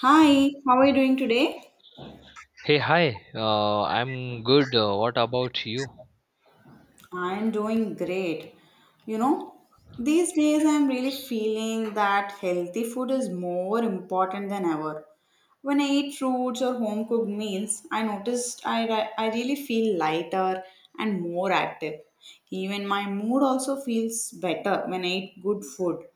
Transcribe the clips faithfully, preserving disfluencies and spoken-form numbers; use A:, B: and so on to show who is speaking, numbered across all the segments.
A: Hi, how are you doing today?
B: Hey, hi. Uh, I'm good. Uh, what about you?
A: I'm doing great. You know, these days I'm really feeling that healthy food is more important than ever. When I eat fruits or home cooked meals, I noticed I, re- I really feel lighter and more active. Even my mood also feels better when I eat good food.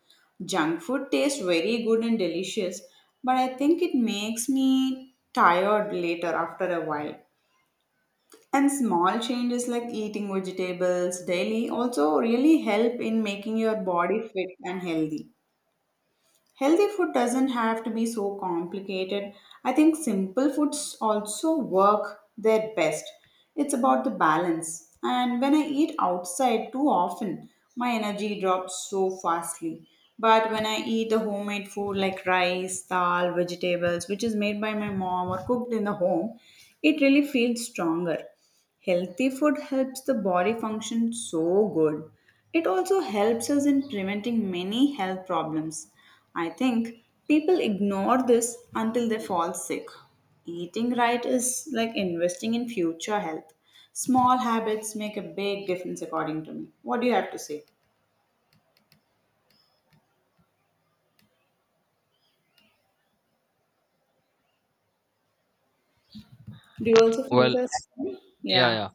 A: Junk food tastes very good and delicious, but I think it makes me tired later after a while. And small changes like eating vegetables daily also really help in making your body fit and healthy. Healthy food doesn't have to be so complicated. I think simple foods also work their best. It's about the balance. And when I eat outside too often, my energy drops so fastly. But when I eat the homemade food like rice, dal, vegetables, which is made by my mom or cooked in the home, it really feels stronger. Healthy food helps the body function so good. It also helps us in preventing many health problems. I think people ignore this until they fall sick. Eating right is like investing in future health. Small habits make a big difference, according to me. What do you have to say? Do you also feel
B: Well,
A: this?
B: yeah,
A: Yeah.
B: yeah.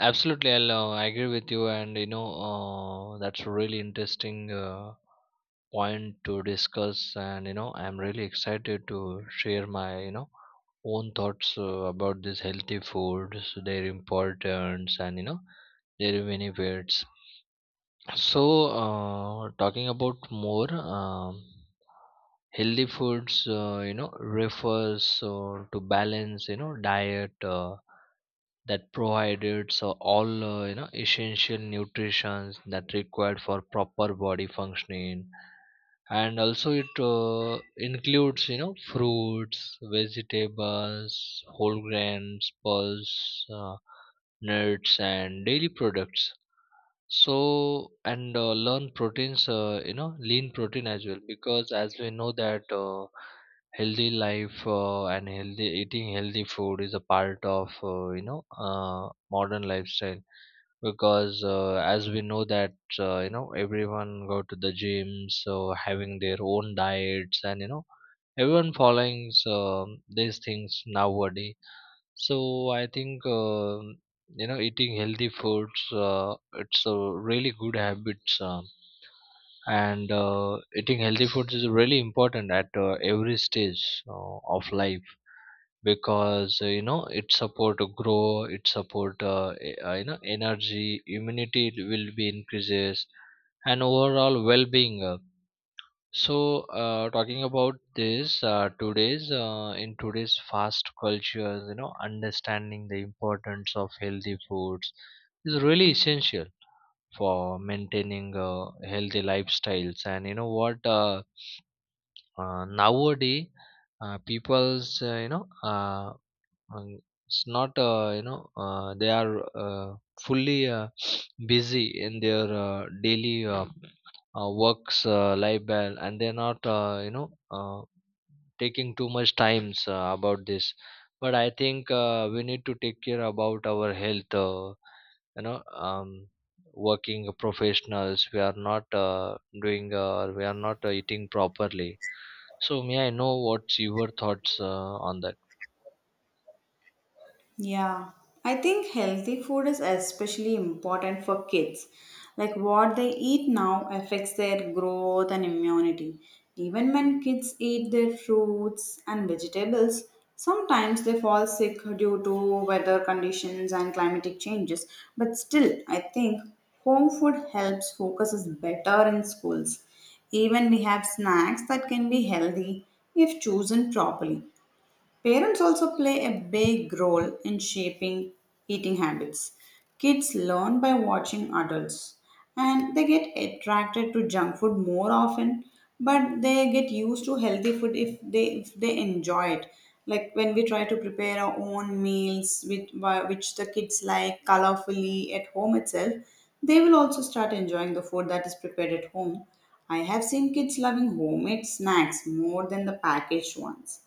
B: Absolutely, I'll uh, agree with you, and you know uh, that's a really interesting uh, point to discuss. And you know, I'm really excited to share my you know own thoughts uh, about these healthy foods, their importance, and you know their benefits. So, uh, talking about more, um, healthy foods, uh, you know, refers uh, to balance, you know, diet. Uh, that provided so all uh, you know essential nutrition that required for proper body functioning, and also it uh, includes you know fruits, vegetables, whole grains, pulse, uh, nuts and dairy products, so and uh, learn proteins, uh, you know lean protein as well, because as we know that uh, healthy life uh, and healthy eating, healthy food is a part of uh, you know uh, modern lifestyle, because uh, as we know that uh, you know everyone go to the gym, so having their own diets, and you know everyone following um these things nowadays. So I think um you know eating healthy foods, uh, it's a really good habits, uh, and uh, eating healthy foods is really important at uh, every stage uh, of life, because uh, you know it support to grow, it support uh, e- uh, you know energy, immunity will be increases, and overall well-being. Uh, so, uh, talking about this, uh, today's uh, in today's fast culture, you know, understanding the importance of healthy foods is really essential for maintaining uh, healthy lifestyles. And you know what? Uh, uh, nowadays, uh, people's, uh, you know, uh, um, it's not uh, you know, uh, they are uh, fully uh, busy in their uh, daily uh, uh, works uh, life, and and they're not. uh, you know. Uh, taking too much times uh, about this, but I think uh, we need to take care about our health. uh, you know um, Working professionals, we are not uh, doing uh, we are not uh, eating properly. So may I know what's your thoughts uh, on that?
A: Yeah, I think healthy food is especially important for kids. Like what they eat now affects their growth and immunity. Even when kids eat their fruits and vegetables, sometimes they fall sick due to weather conditions and climatic changes. But still, I think home food helps focus is better in schools. Even we have snacks that can be healthy if chosen properly. Parents also play a big role in shaping eating habits. Kids learn by watching adults and they get attracted to junk food more often, but they get used to healthy food if they if they enjoy it. Like when we try to prepare our own meals with whi- which the kids like colorfully at home itself, they will also start enjoying the food that is prepared at home. I have seen kids loving homemade snacks more than the packaged ones.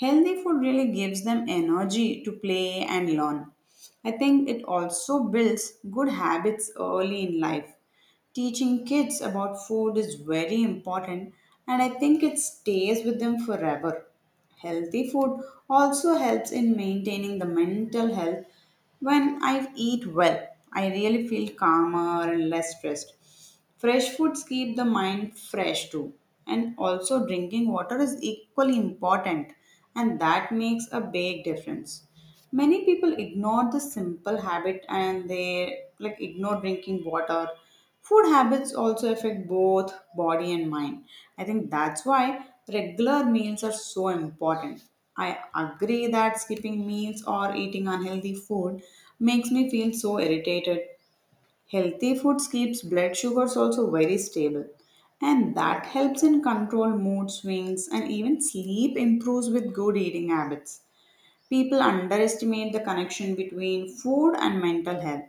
A: Healthy food really gives them energy to play and learn. I think it also builds good habits early in life. Teaching kids about food is very important and I think it stays with them forever. Healthy food also helps in maintaining the mental health when I eat well, I really feel calmer and less stressed. Fresh foods keep the mind fresh too. And also, drinking water is equally important, and that makes a big difference. Many people ignore the simple habit and they like ignore drinking water. Food habits also affect both body and mind. I think that's why regular meals are so important. I agree that skipping meals or eating unhealthy food makes me feel so irritated. Healthy food keeps blood sugars also very stable, and that helps in control mood swings and even sleep improves with good eating habits. People underestimate the connection between food and mental health.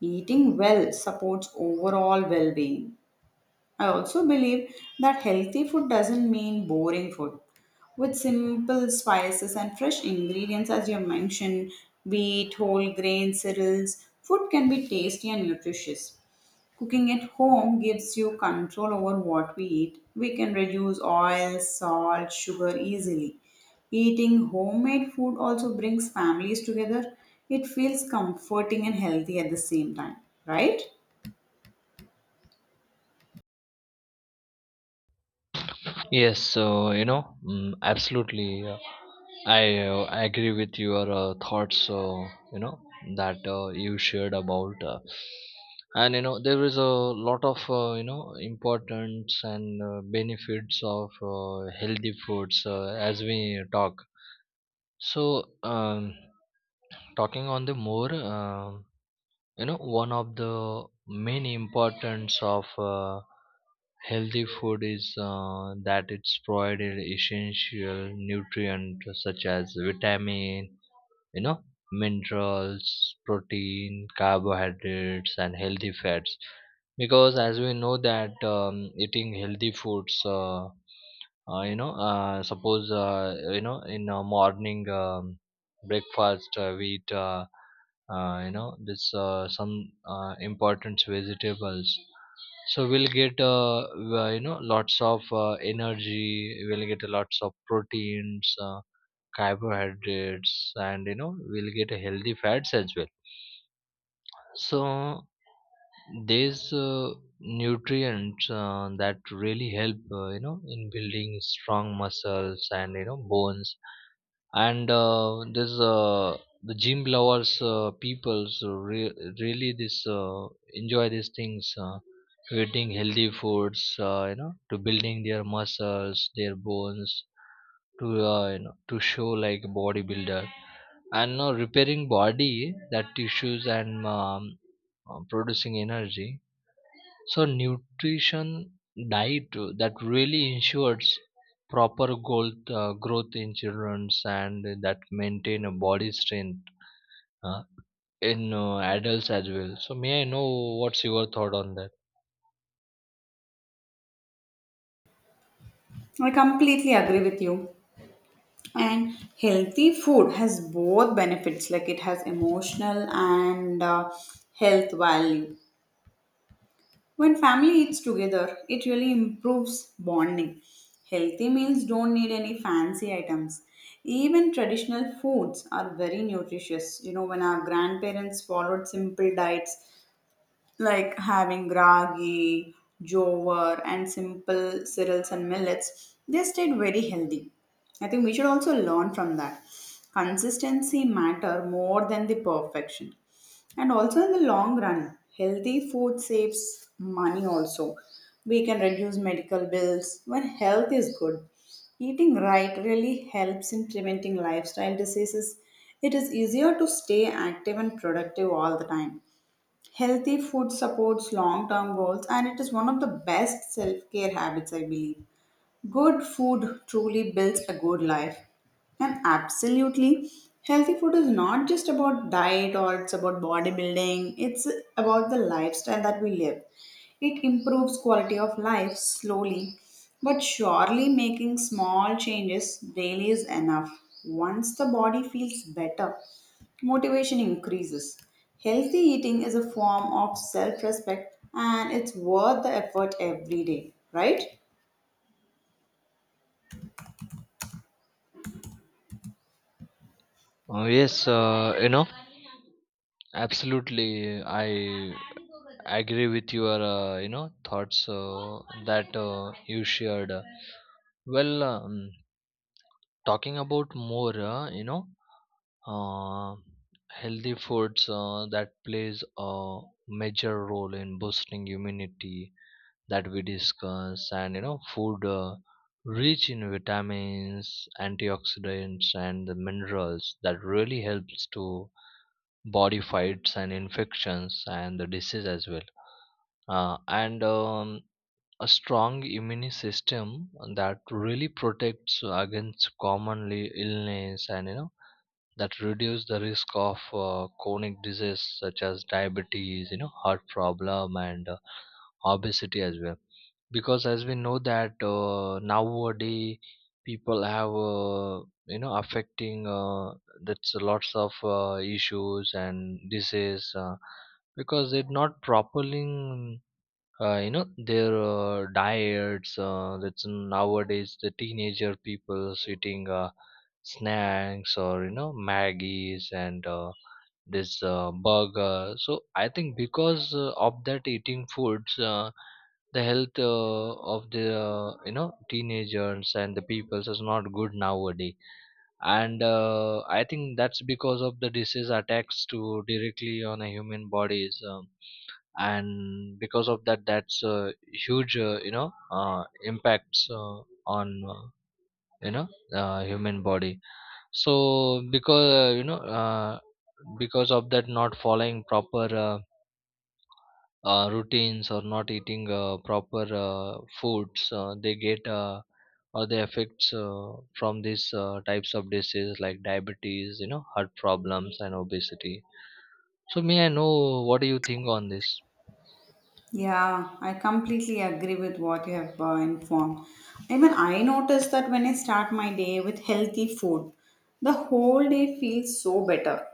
A: Eating well supports overall well being. I also believe that healthy food doesn't mean boring food. With simple spices and fresh ingredients, as you mentioned, wheat, whole grain, cereals, food can be tasty and nutritious. Cooking at home gives you control over what we eat. We can reduce oil, salt, sugar easily. Eating homemade food also brings families together. It feels comforting and healthy at the same time, right?
B: Yes. So, you know mm, absolutely. I uh, agree with your uh, thoughts. Uh, you know that uh, you shared about. Uh, and you know there is a lot of uh, you know importance and uh, benefits of uh, healthy foods, uh, as we talk. So, um, talking on the more, um you know, one of the main importance of uh, healthy food is uh, that it's provided essential nutrients such as vitamin, you know minerals, protein, carbohydrates, and healthy fats, because as we know that um, eating healthy foods, uh, uh, you know uh, suppose uh, you know in uh, morning um, breakfast, uh, we eat uh, uh, you know this uh, some uh, important vegetables, so we'll get uh, w- uh, you know lots of uh, energy, we'll get lots of proteins, uh, carbohydrates, and you know we'll get healthy fats as well. So these uh, nutrients, uh, that really help uh, you know in building strong muscles and you know bones, and uh, this, uh, the gym lovers uh, peoples re- really this uh, enjoy these things, uh, to eating healthy foods, uh, you know to building their muscles, their bones, to uh, you know to show like a bodybuilder, and no repairing body that tissues, and um, uh, producing energy. So nutrition diet, uh, that really ensures proper growth, uh, growth in children, and that maintain a body strength uh, in uh, adults as well. So may I know what's your thought on that?
A: I completely agree with you. And healthy food has both benefits, like it has emotional and uh, health value. When family eats together, it really improves bonding. Healthy meals don't need any fancy items. Even traditional foods are very nutritious. You know, when our grandparents followed simple diets, like having ragi, jowar, and simple cereals and millets, they stayed very healthy. I think we should also learn from that. Consistency matter more than the perfection. And also in the long run, healthy food saves money also. We can reduce medical bills when health is good. Eating right really helps in preventing lifestyle diseases. It is easier to stay active and productive all the time. Healthy food supports long term goals and it is one of the best self care habits, I believe. Good food truly builds a good life. And absolutely, healthy food is not just about diet or it's about bodybuilding, it's about the lifestyle that we live. It improves quality of life slowly, but surely making small changes daily is enough. Once the body feels better, motivation increases. Healthy eating is a form of self respect and it's worth the effort every day, right?
B: Uh, yes, uh, you know absolutely. I agree with your uh, you know thoughts uh, that uh, you shared. Well, um, talking about more, uh, you know, uh, healthy foods uh, that plays a major role in boosting immunity that we discuss, and you know, food, uh, rich in vitamins, antioxidants, and the minerals that really helps to body fights and infections and the disease as well. Uh, and um, A strong immune system that really protects against commonly illness, and you know that reduce the risk of uh, chronic disease such as diabetes, you know heart problem, and uh, obesity as well, because as we know that uh, nowadays people have uh, you know affecting uh, that's lots of uh, issues and disease, uh, because they're not properly uh, you know their uh, diets, uh, that's nowadays the teenager people eating uh, snacks or you know maggies and uh, this uh, burger. So I think because uh, of that eating foods, uh, the health uh, of the uh, you know teenagers and the peoples is not good nowadays. And uh, I think that's because of the disease attacks to directly on a human bodies, um, and because of that, that's a huge uh, you know uh, impacts uh, on uh, you know uh, human body. So because uh, you know uh, because of that not following proper uh, uh, routines or not eating uh, proper uh, foods, uh, they get uh, or the effects uh, from these uh, types of diseases like diabetes, you know heart problems, and obesity. So may I know what do you think on this?
A: Yeah, I completely agree with what you have uh, informed. Even I notice that when I start my day with healthy food, the whole day feels so better.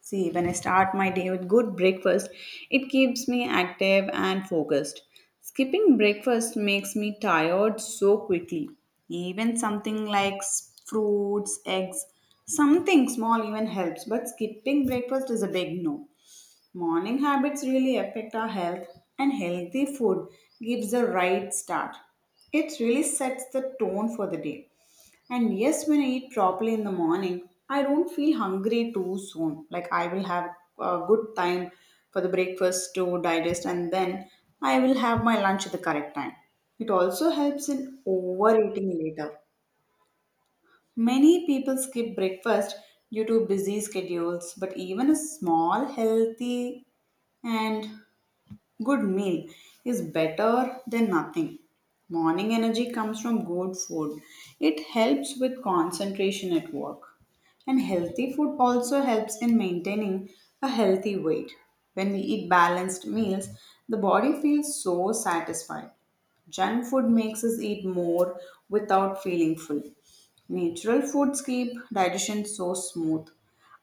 A: See, when I start my day with good breakfast, it keeps me active and focused. Skipping breakfast makes me tired so quickly. Even something like s- fruits, eggs, something small even helps, but skipping breakfast is a big no. Morning habits really affect our health, and healthy food gives the right start. It really sets the tone for the day. And yes, when I eat properly in the morning, I don't feel hungry too soon. Like I will have a good time for the breakfast to digest, and then I will have my lunch at the correct time. It also helps in overeating later. Many people skip breakfast due to busy schedules, but even a small, healthy, and good meal is better than nothing. Morning energy comes from good food. It helps with concentration at work. And healthy food also helps in maintaining a healthy weight. When we eat balanced meals, the body feels so satisfied. Junk food makes us eat more without feeling full. Natural foods keep digestion so smooth.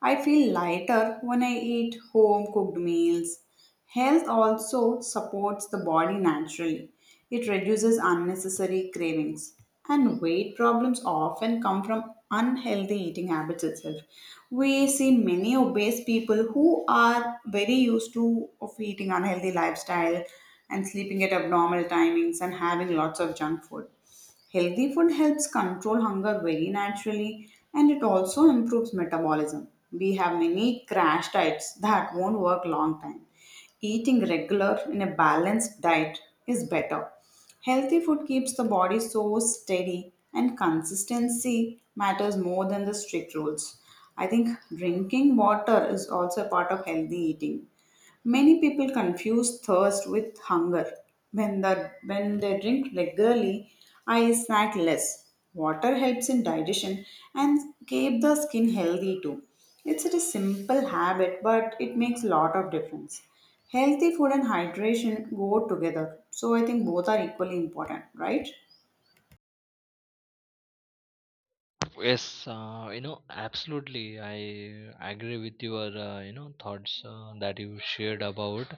A: I feel lighter when I eat home cooked meals. Health also supports the body naturally. It reduces unnecessary cravings. And weight problems often come from unhealthy eating habits itself. We see many obese people who are very used to of eating unhealthy lifestyle and sleeping at abnormal timings and having lots of junk food. Healthy food helps control hunger very naturally and it also improves metabolism. We have many crash diets that won't work long time. Eating regular in a balanced diet is better. Healthy food keeps the body so steady and consistency matters more than the strict rules. I think drinking water is also a part of healthy eating. Many people confuse thirst with hunger. When, the, when they drink regularly, I snack less. Water helps in digestion and keep the skin healthy too. It's a simple habit, but it makes a lot of difference. Healthy food and hydration go together, so I think both are equally important, right?
B: Yes, uh, you know, absolutely. I agree with your, uh, you know, thoughts uh, that you shared about.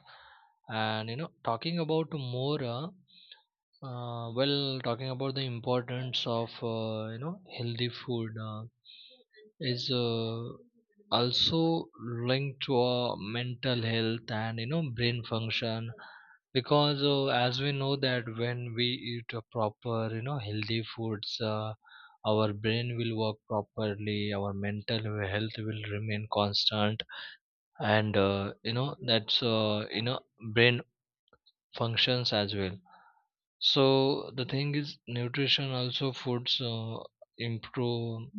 B: And, you know, talking about more, uh, uh, well, talking about the importance of uh, you know healthy food uh, is uh, also linked to uh, mental health and you know brain function, because uh, as we know that when we eat a proper you know healthy foods, uh, our brain will work properly, our mental health will remain constant, and uh, you know that's uh, you know brain functions as well. So the thing is nutrition also foods uh, improve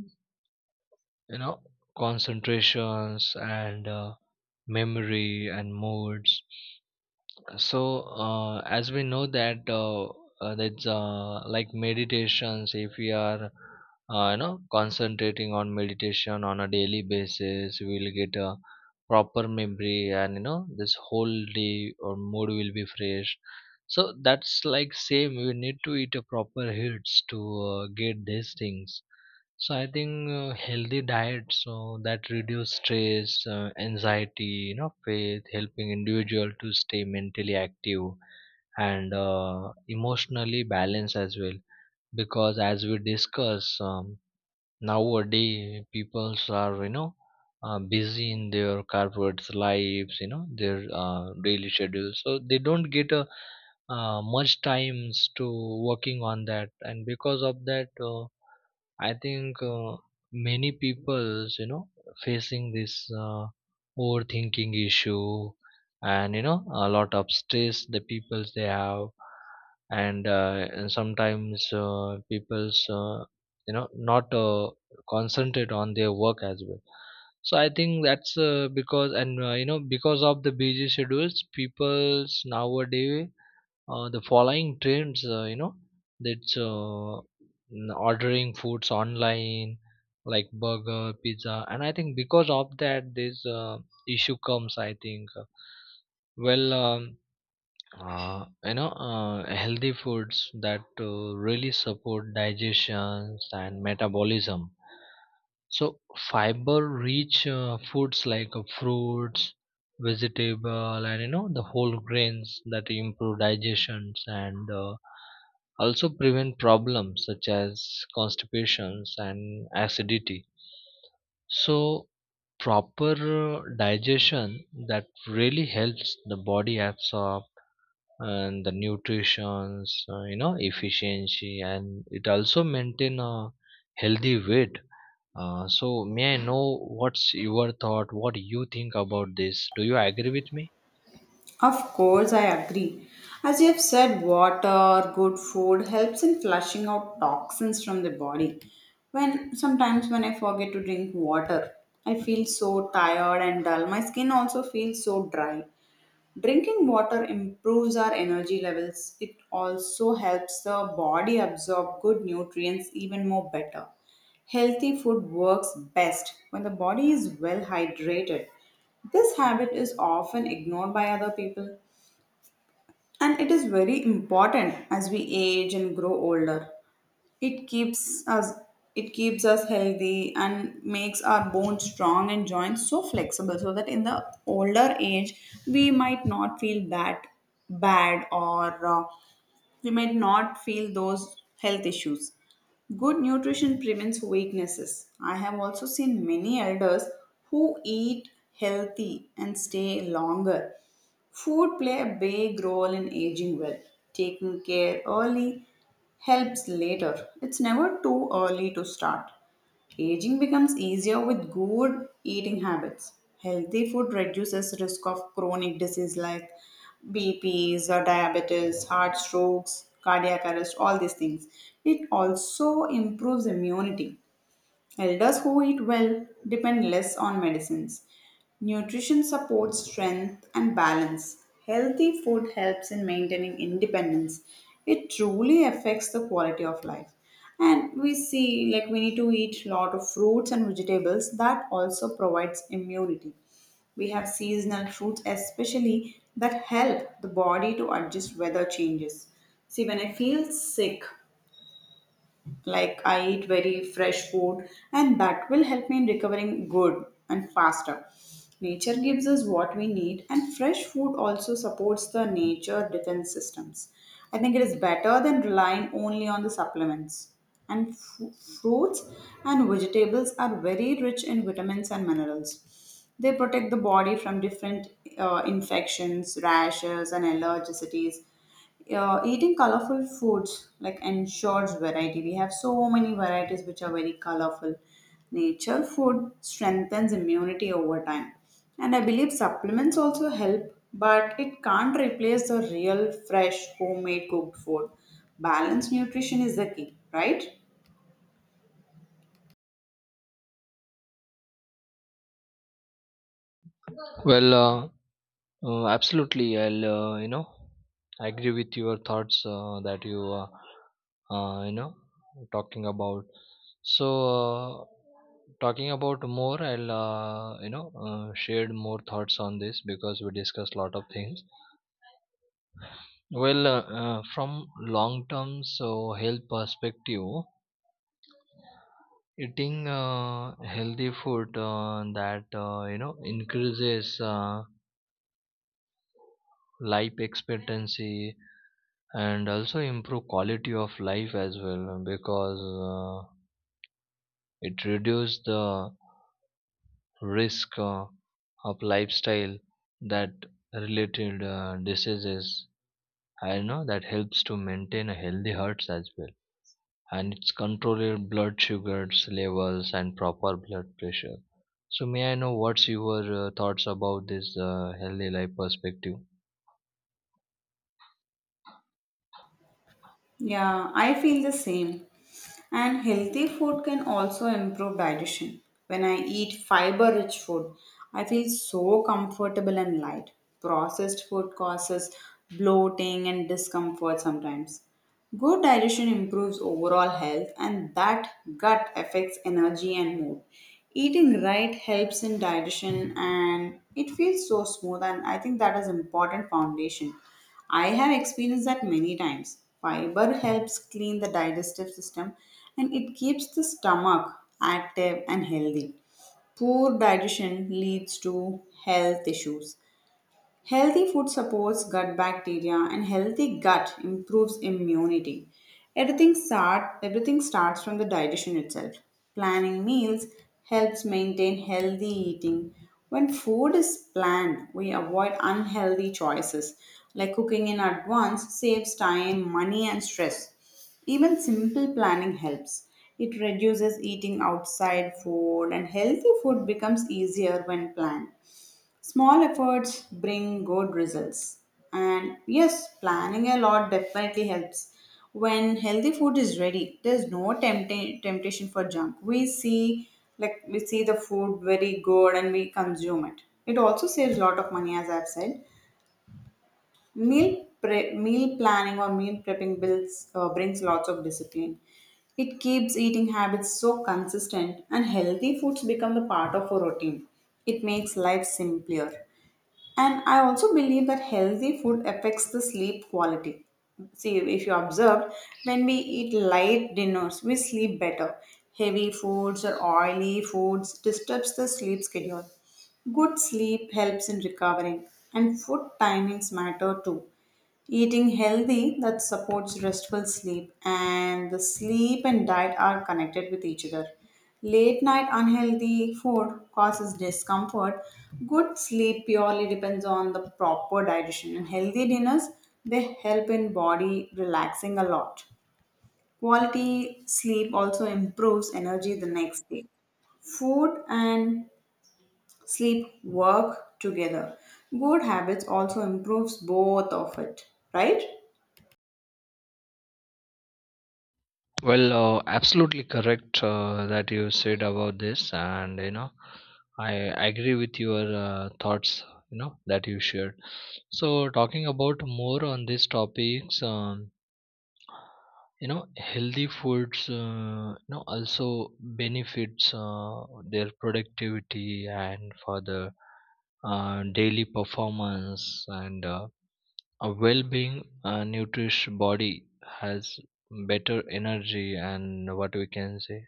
B: you know concentrations and uh, memory and moods. So uh, as we know that uh, uh, that's uh, like meditations, if we are uh, you know concentrating on meditation on a daily basis, we will get a proper memory, and you know this whole day or mood will be fresh. So that's like same, we need to eat a proper hits to uh, get these things. So I think uh, healthy diet, so that reduce stress, uh, anxiety, you know, faith, helping individual to stay mentally active and uh, emotionally balanced as well. Because as we discuss, um, nowadays, peoples are you know uh, busy in their corporate lives, you know, their uh, daily schedule, so they don't get a uh, much times to working on that, and because of that. Uh, I think uh, many people's you know facing this uh, overthinking issue, and you know a lot of stress the people's they have, and, uh, and sometimes uh, people's uh, you know not uh, concentrate on their work as well. So I think that's uh, because, and uh, you know because of the busy schedules, people's nowadays uh, the following trends, uh, you know that's uh, n- ordering foods online like burger pizza, and I think because of that this uh, issue comes, I think. Well, um, uh, you know uh, healthy foods that uh, really support digestions and metabolism. So fiber-rich uh, foods like uh, fruits, vegetable, and you know the whole grains that improve digestions, and uh, also prevent problems such as constipations and acidity. So proper uh, digestion that really helps the body absorb and the nutritions, uh, you know, efficiency, and it also maintain a healthy weight. Uh, so may I know what's your thought? What you think about this? Do you agree with me?
A: Of course, I agree. As you have said, water, good food helps in flushing out toxins from the body. When sometimes when I forget to drink water, I feel so tired and dull. My skin also feels so dry. Drinking water improves our energy levels. It also helps the body absorb good nutrients even more better. Healthy food works best when the body is well hydrated. This habit is often ignored by other people. And it is very important as we age and grow older. It keeps us it keeps us healthy and makes our bones strong and joints so flexible so that in the older age we might not feel bad bad or uh, we might not feel those health issues. Good nutrition prevents weaknesses. I have also seen many elders who eat healthy and stay longer. Food play a big role in aging well. Taking care early helps later. It's never too early to start. Aging becomes easier with good eating habits. Healthy food reduces risk of chronic disease like B Ps or diabetes, heart strokes, cardiac arrest, all these things. It also improves immunity. Elders who eat well depend less on medicines. Nutrition supports strength and balance. Healthy food helps in maintaining independence. It truly affects the quality of life. And we see like we need to eat a lot of fruits and vegetables that also provides immunity. We have seasonal fruits, especially that help the body to adjust weather changes. See, when I feel sick, like I eat very fresh food and that will help me in recovering good and faster. Nature gives us what we need and fresh food also supports the nature defense systems. I think it is better than relying only on the supplements, and fru- fruits and vegetables are very rich in vitamins and minerals. They protect the body from different uh, infections, rashes and allergicities. Uh, eating colorful foods like ensures variety. We have so many varieties which are very colorful. Nature food strengthens immunity over time and I believe supplements also help, but it can't replace the real fresh homemade cooked food. Balanced nutrition is the key, right?
B: Well, uh, uh, absolutely. I'll uh, you know I agree with your thoughts uh, that you uh, uh, you know talking about. So, uh, talking about more, I'll uh, you know uh, shared more thoughts on this because we discussed a lot of things. Well, uh, uh, from long term so health perspective, eating uh, healthy food uh, that uh, you know increases uh, life expectancy and also improve quality of life as well, because uh, it reduces the risk uh, of lifestyle that related uh, diseases. I know that helps to maintain a healthy hearts as well, and it's controlled blood sugars levels and proper blood pressure. So may I know what's your uh, thoughts about this uh, healthy life perspective?
A: Yeah, I feel the same. And healthy food can also improve digestion. When I eat fiber rich food, I feel so comfortable and light. Processed food causes bloating and discomfort sometimes. Good digestion improves overall health, and that gut affects energy and mood. Eating right helps in digestion and it feels so smooth and I think that is important foundation. I have experienced that many times. Fiber helps clean the digestive system and it keeps the stomach active and healthy. Poor digestion leads to health issues. Healthy food supports gut bacteria and healthy gut improves immunity. Everything start everything starts from the digestion itself. Planning meals helps maintain healthy eating. When food is planned, we avoid unhealthy choices like cooking in advance saves time, money and stress. Even simple planning helps. It reduces eating outside food and healthy food becomes easier when planned. Small efforts bring good results. And yes, planning a lot definitely helps. When healthy food is ready, there's no tempta- temptation for junk. We see like we see the food very good and we consume it. It also saves a lot of money as I've said. Meal pre- meal planning or meal prepping builds uh, brings lots of discipline. It keeps eating habits so consistent and healthy foods become the part of a routine. It makes life simpler. And I also believe that healthy food affects the sleep quality. See, if you observed, when we eat light dinners, we sleep better. Heavy foods or oily foods disturbs the sleep schedule. Good sleep helps in recovering, and food timings matter too. Eating healthy that supports restful sleep, and the sleep and diet are connected with each other. Late night unhealthy food causes discomfort. Good sleep purely depends on the proper digestion, and healthy dinners they help in body relaxing a lot. Quality sleep also improves energy the next day. Food and sleep work together. Good habits also improves both of it, right?
B: Well, uh, absolutely correct uh, that you said about this, and you know, I agree with your uh, thoughts. You know that you shared. So talking about more on these topics. Um, you know healthy foods uh, you know also benefits uh, their productivity and for the uh, daily performance, and uh, a well-being, uh, nourished body has better energy, and what we can say,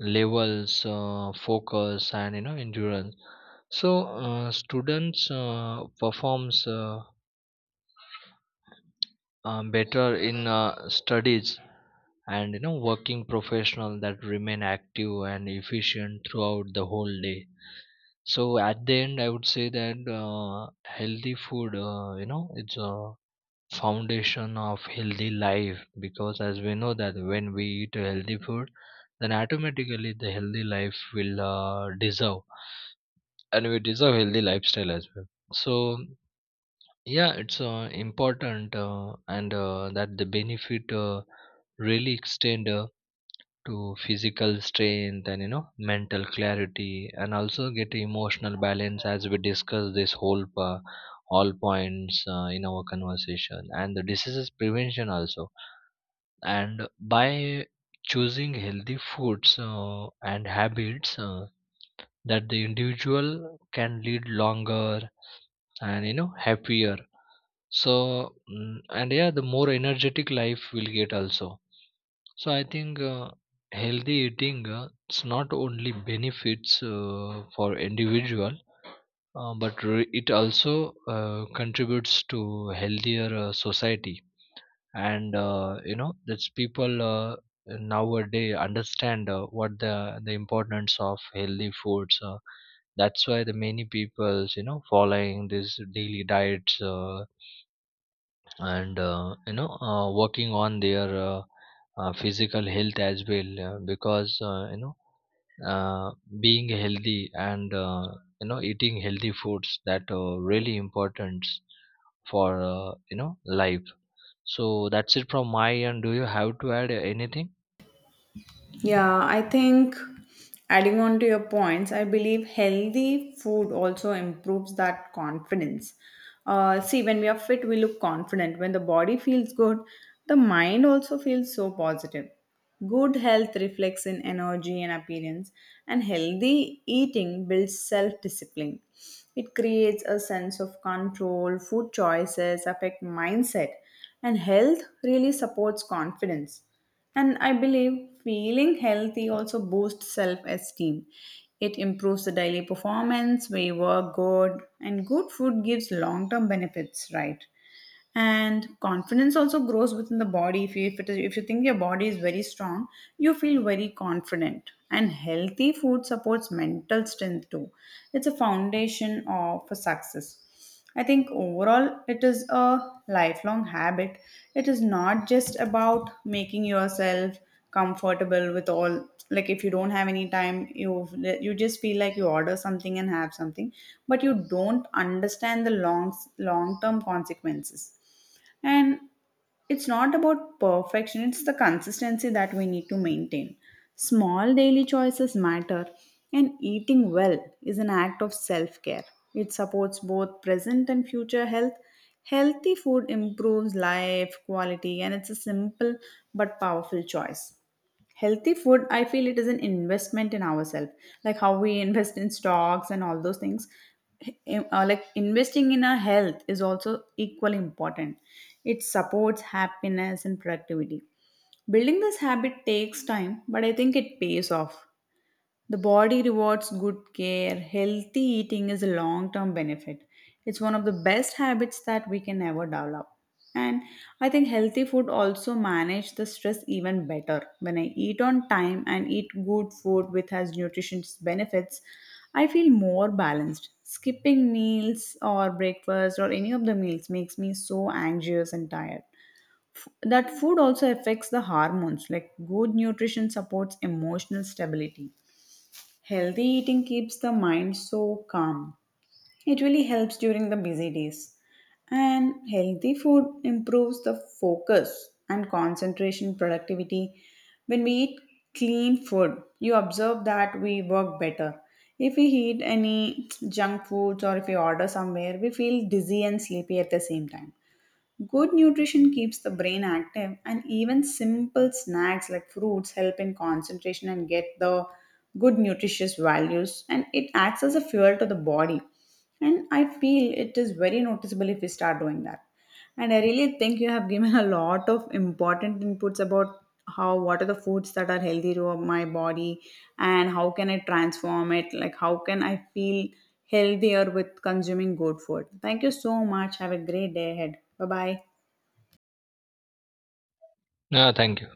B: levels, uh, focus, and you know endurance. So uh, students uh, performs uh, um, better in uh, studies, and you know working professional that remain active and efficient throughout the whole day. So at the end I would say that uh, healthy food, uh, you know it's a foundation of healthy life, because as we know that when we eat a healthy food, then automatically the healthy life will uh, deserve, and we deserve healthy lifestyle as well. So yeah, it's uh, important, uh, and uh, that the benefit uh, really extend uh, to physical strength, and you know mental clarity, and also get emotional balance, as we discuss this whole uh, all points uh, in our conversation, and the diseases prevention also, and by choosing healthy foods uh, and habits, uh, that the individual can lead longer and you know happier. So, mm, and yeah, the more energetic life will get also. So I think uh, healthy eating, uh, it's not only benefits uh, for individual, uh, but re- it also uh, contributes to healthier uh, society. And uh, you know, that's people uh, nowadays understand uh, what the the importance of healthy foods. Uh, that's why the many people's you know following these daily diets, Uh, and uh, you know uh, working on their uh, uh, physical health as well, uh, because uh, you know uh, being healthy and uh, you know eating healthy foods that are really important for uh, you know life. So that's it from my end. Do you have to add anything?
A: Yeah, I think adding on to your points, I believe healthy food also improves that confidence. Uh, see, when we are fit, we look confident. When the body feels good, the mind also feels so positive. Good health reflects in energy and appearance, and healthy eating builds self discipline. It creates a sense of control, food choices affect mindset, and health really supports confidence. And I believe feeling healthy also boosts self esteem. It improves the daily performance, we work good, and good food gives long term benefits, right? And confidence also grows within the body. If you, if, it is, if you think your body is very strong, you feel very confident. And healthy food supports mental strength too. It's a foundation of success. I think overall it is a lifelong habit. It is not just about making yourself comfortable with all, like if you don't have any time, you you just feel like you order something and have something, but you don't understand the long long term consequences. And it's not about perfection, it's the consistency that we need to maintain. Small daily choices matter, and eating well is an act of self-care. It supports both present and future health. Healthy food improves life quality and it's a simple but powerful choice. Healthy food, I feel it is an investment in ourselves, like how we invest in stocks and all those things. Im- uh, like investing in our health is also equally important. It supports happiness and productivity. Building this habit takes time but I think it pays off. The body rewards good care. Healthy eating is a long term benefit. It's one of the best habits that we can ever develop. And I think healthy food also manage the stress even better. When I eat on time and eat good food which has nutritious benefits, I feel more balanced. Skipping meals or breakfast or any of the meals makes me so anxious and tired. That food also affects the hormones, like good nutrition supports emotional stability. Healthy eating keeps the mind so calm. It really helps during the busy days. And healthy food improves the focus and concentration productivity. When we eat clean food, you observe that we work better. If we eat any junk foods or if we order somewhere, we feel dizzy and sleepy at the same time. Good nutrition keeps the brain active, and even simple snacks like fruits help in concentration and get the good nutritious values, and it acts as a fuel to the body. And I feel it is very noticeable if we start doing that. And I really think you have given a lot of important inputs about how what are the foods that are healthy to my body and how can I transform it, like how can I feel healthier with consuming good food. Thank you so much. Have a great day ahead. Bye bye.
B: No, thank you.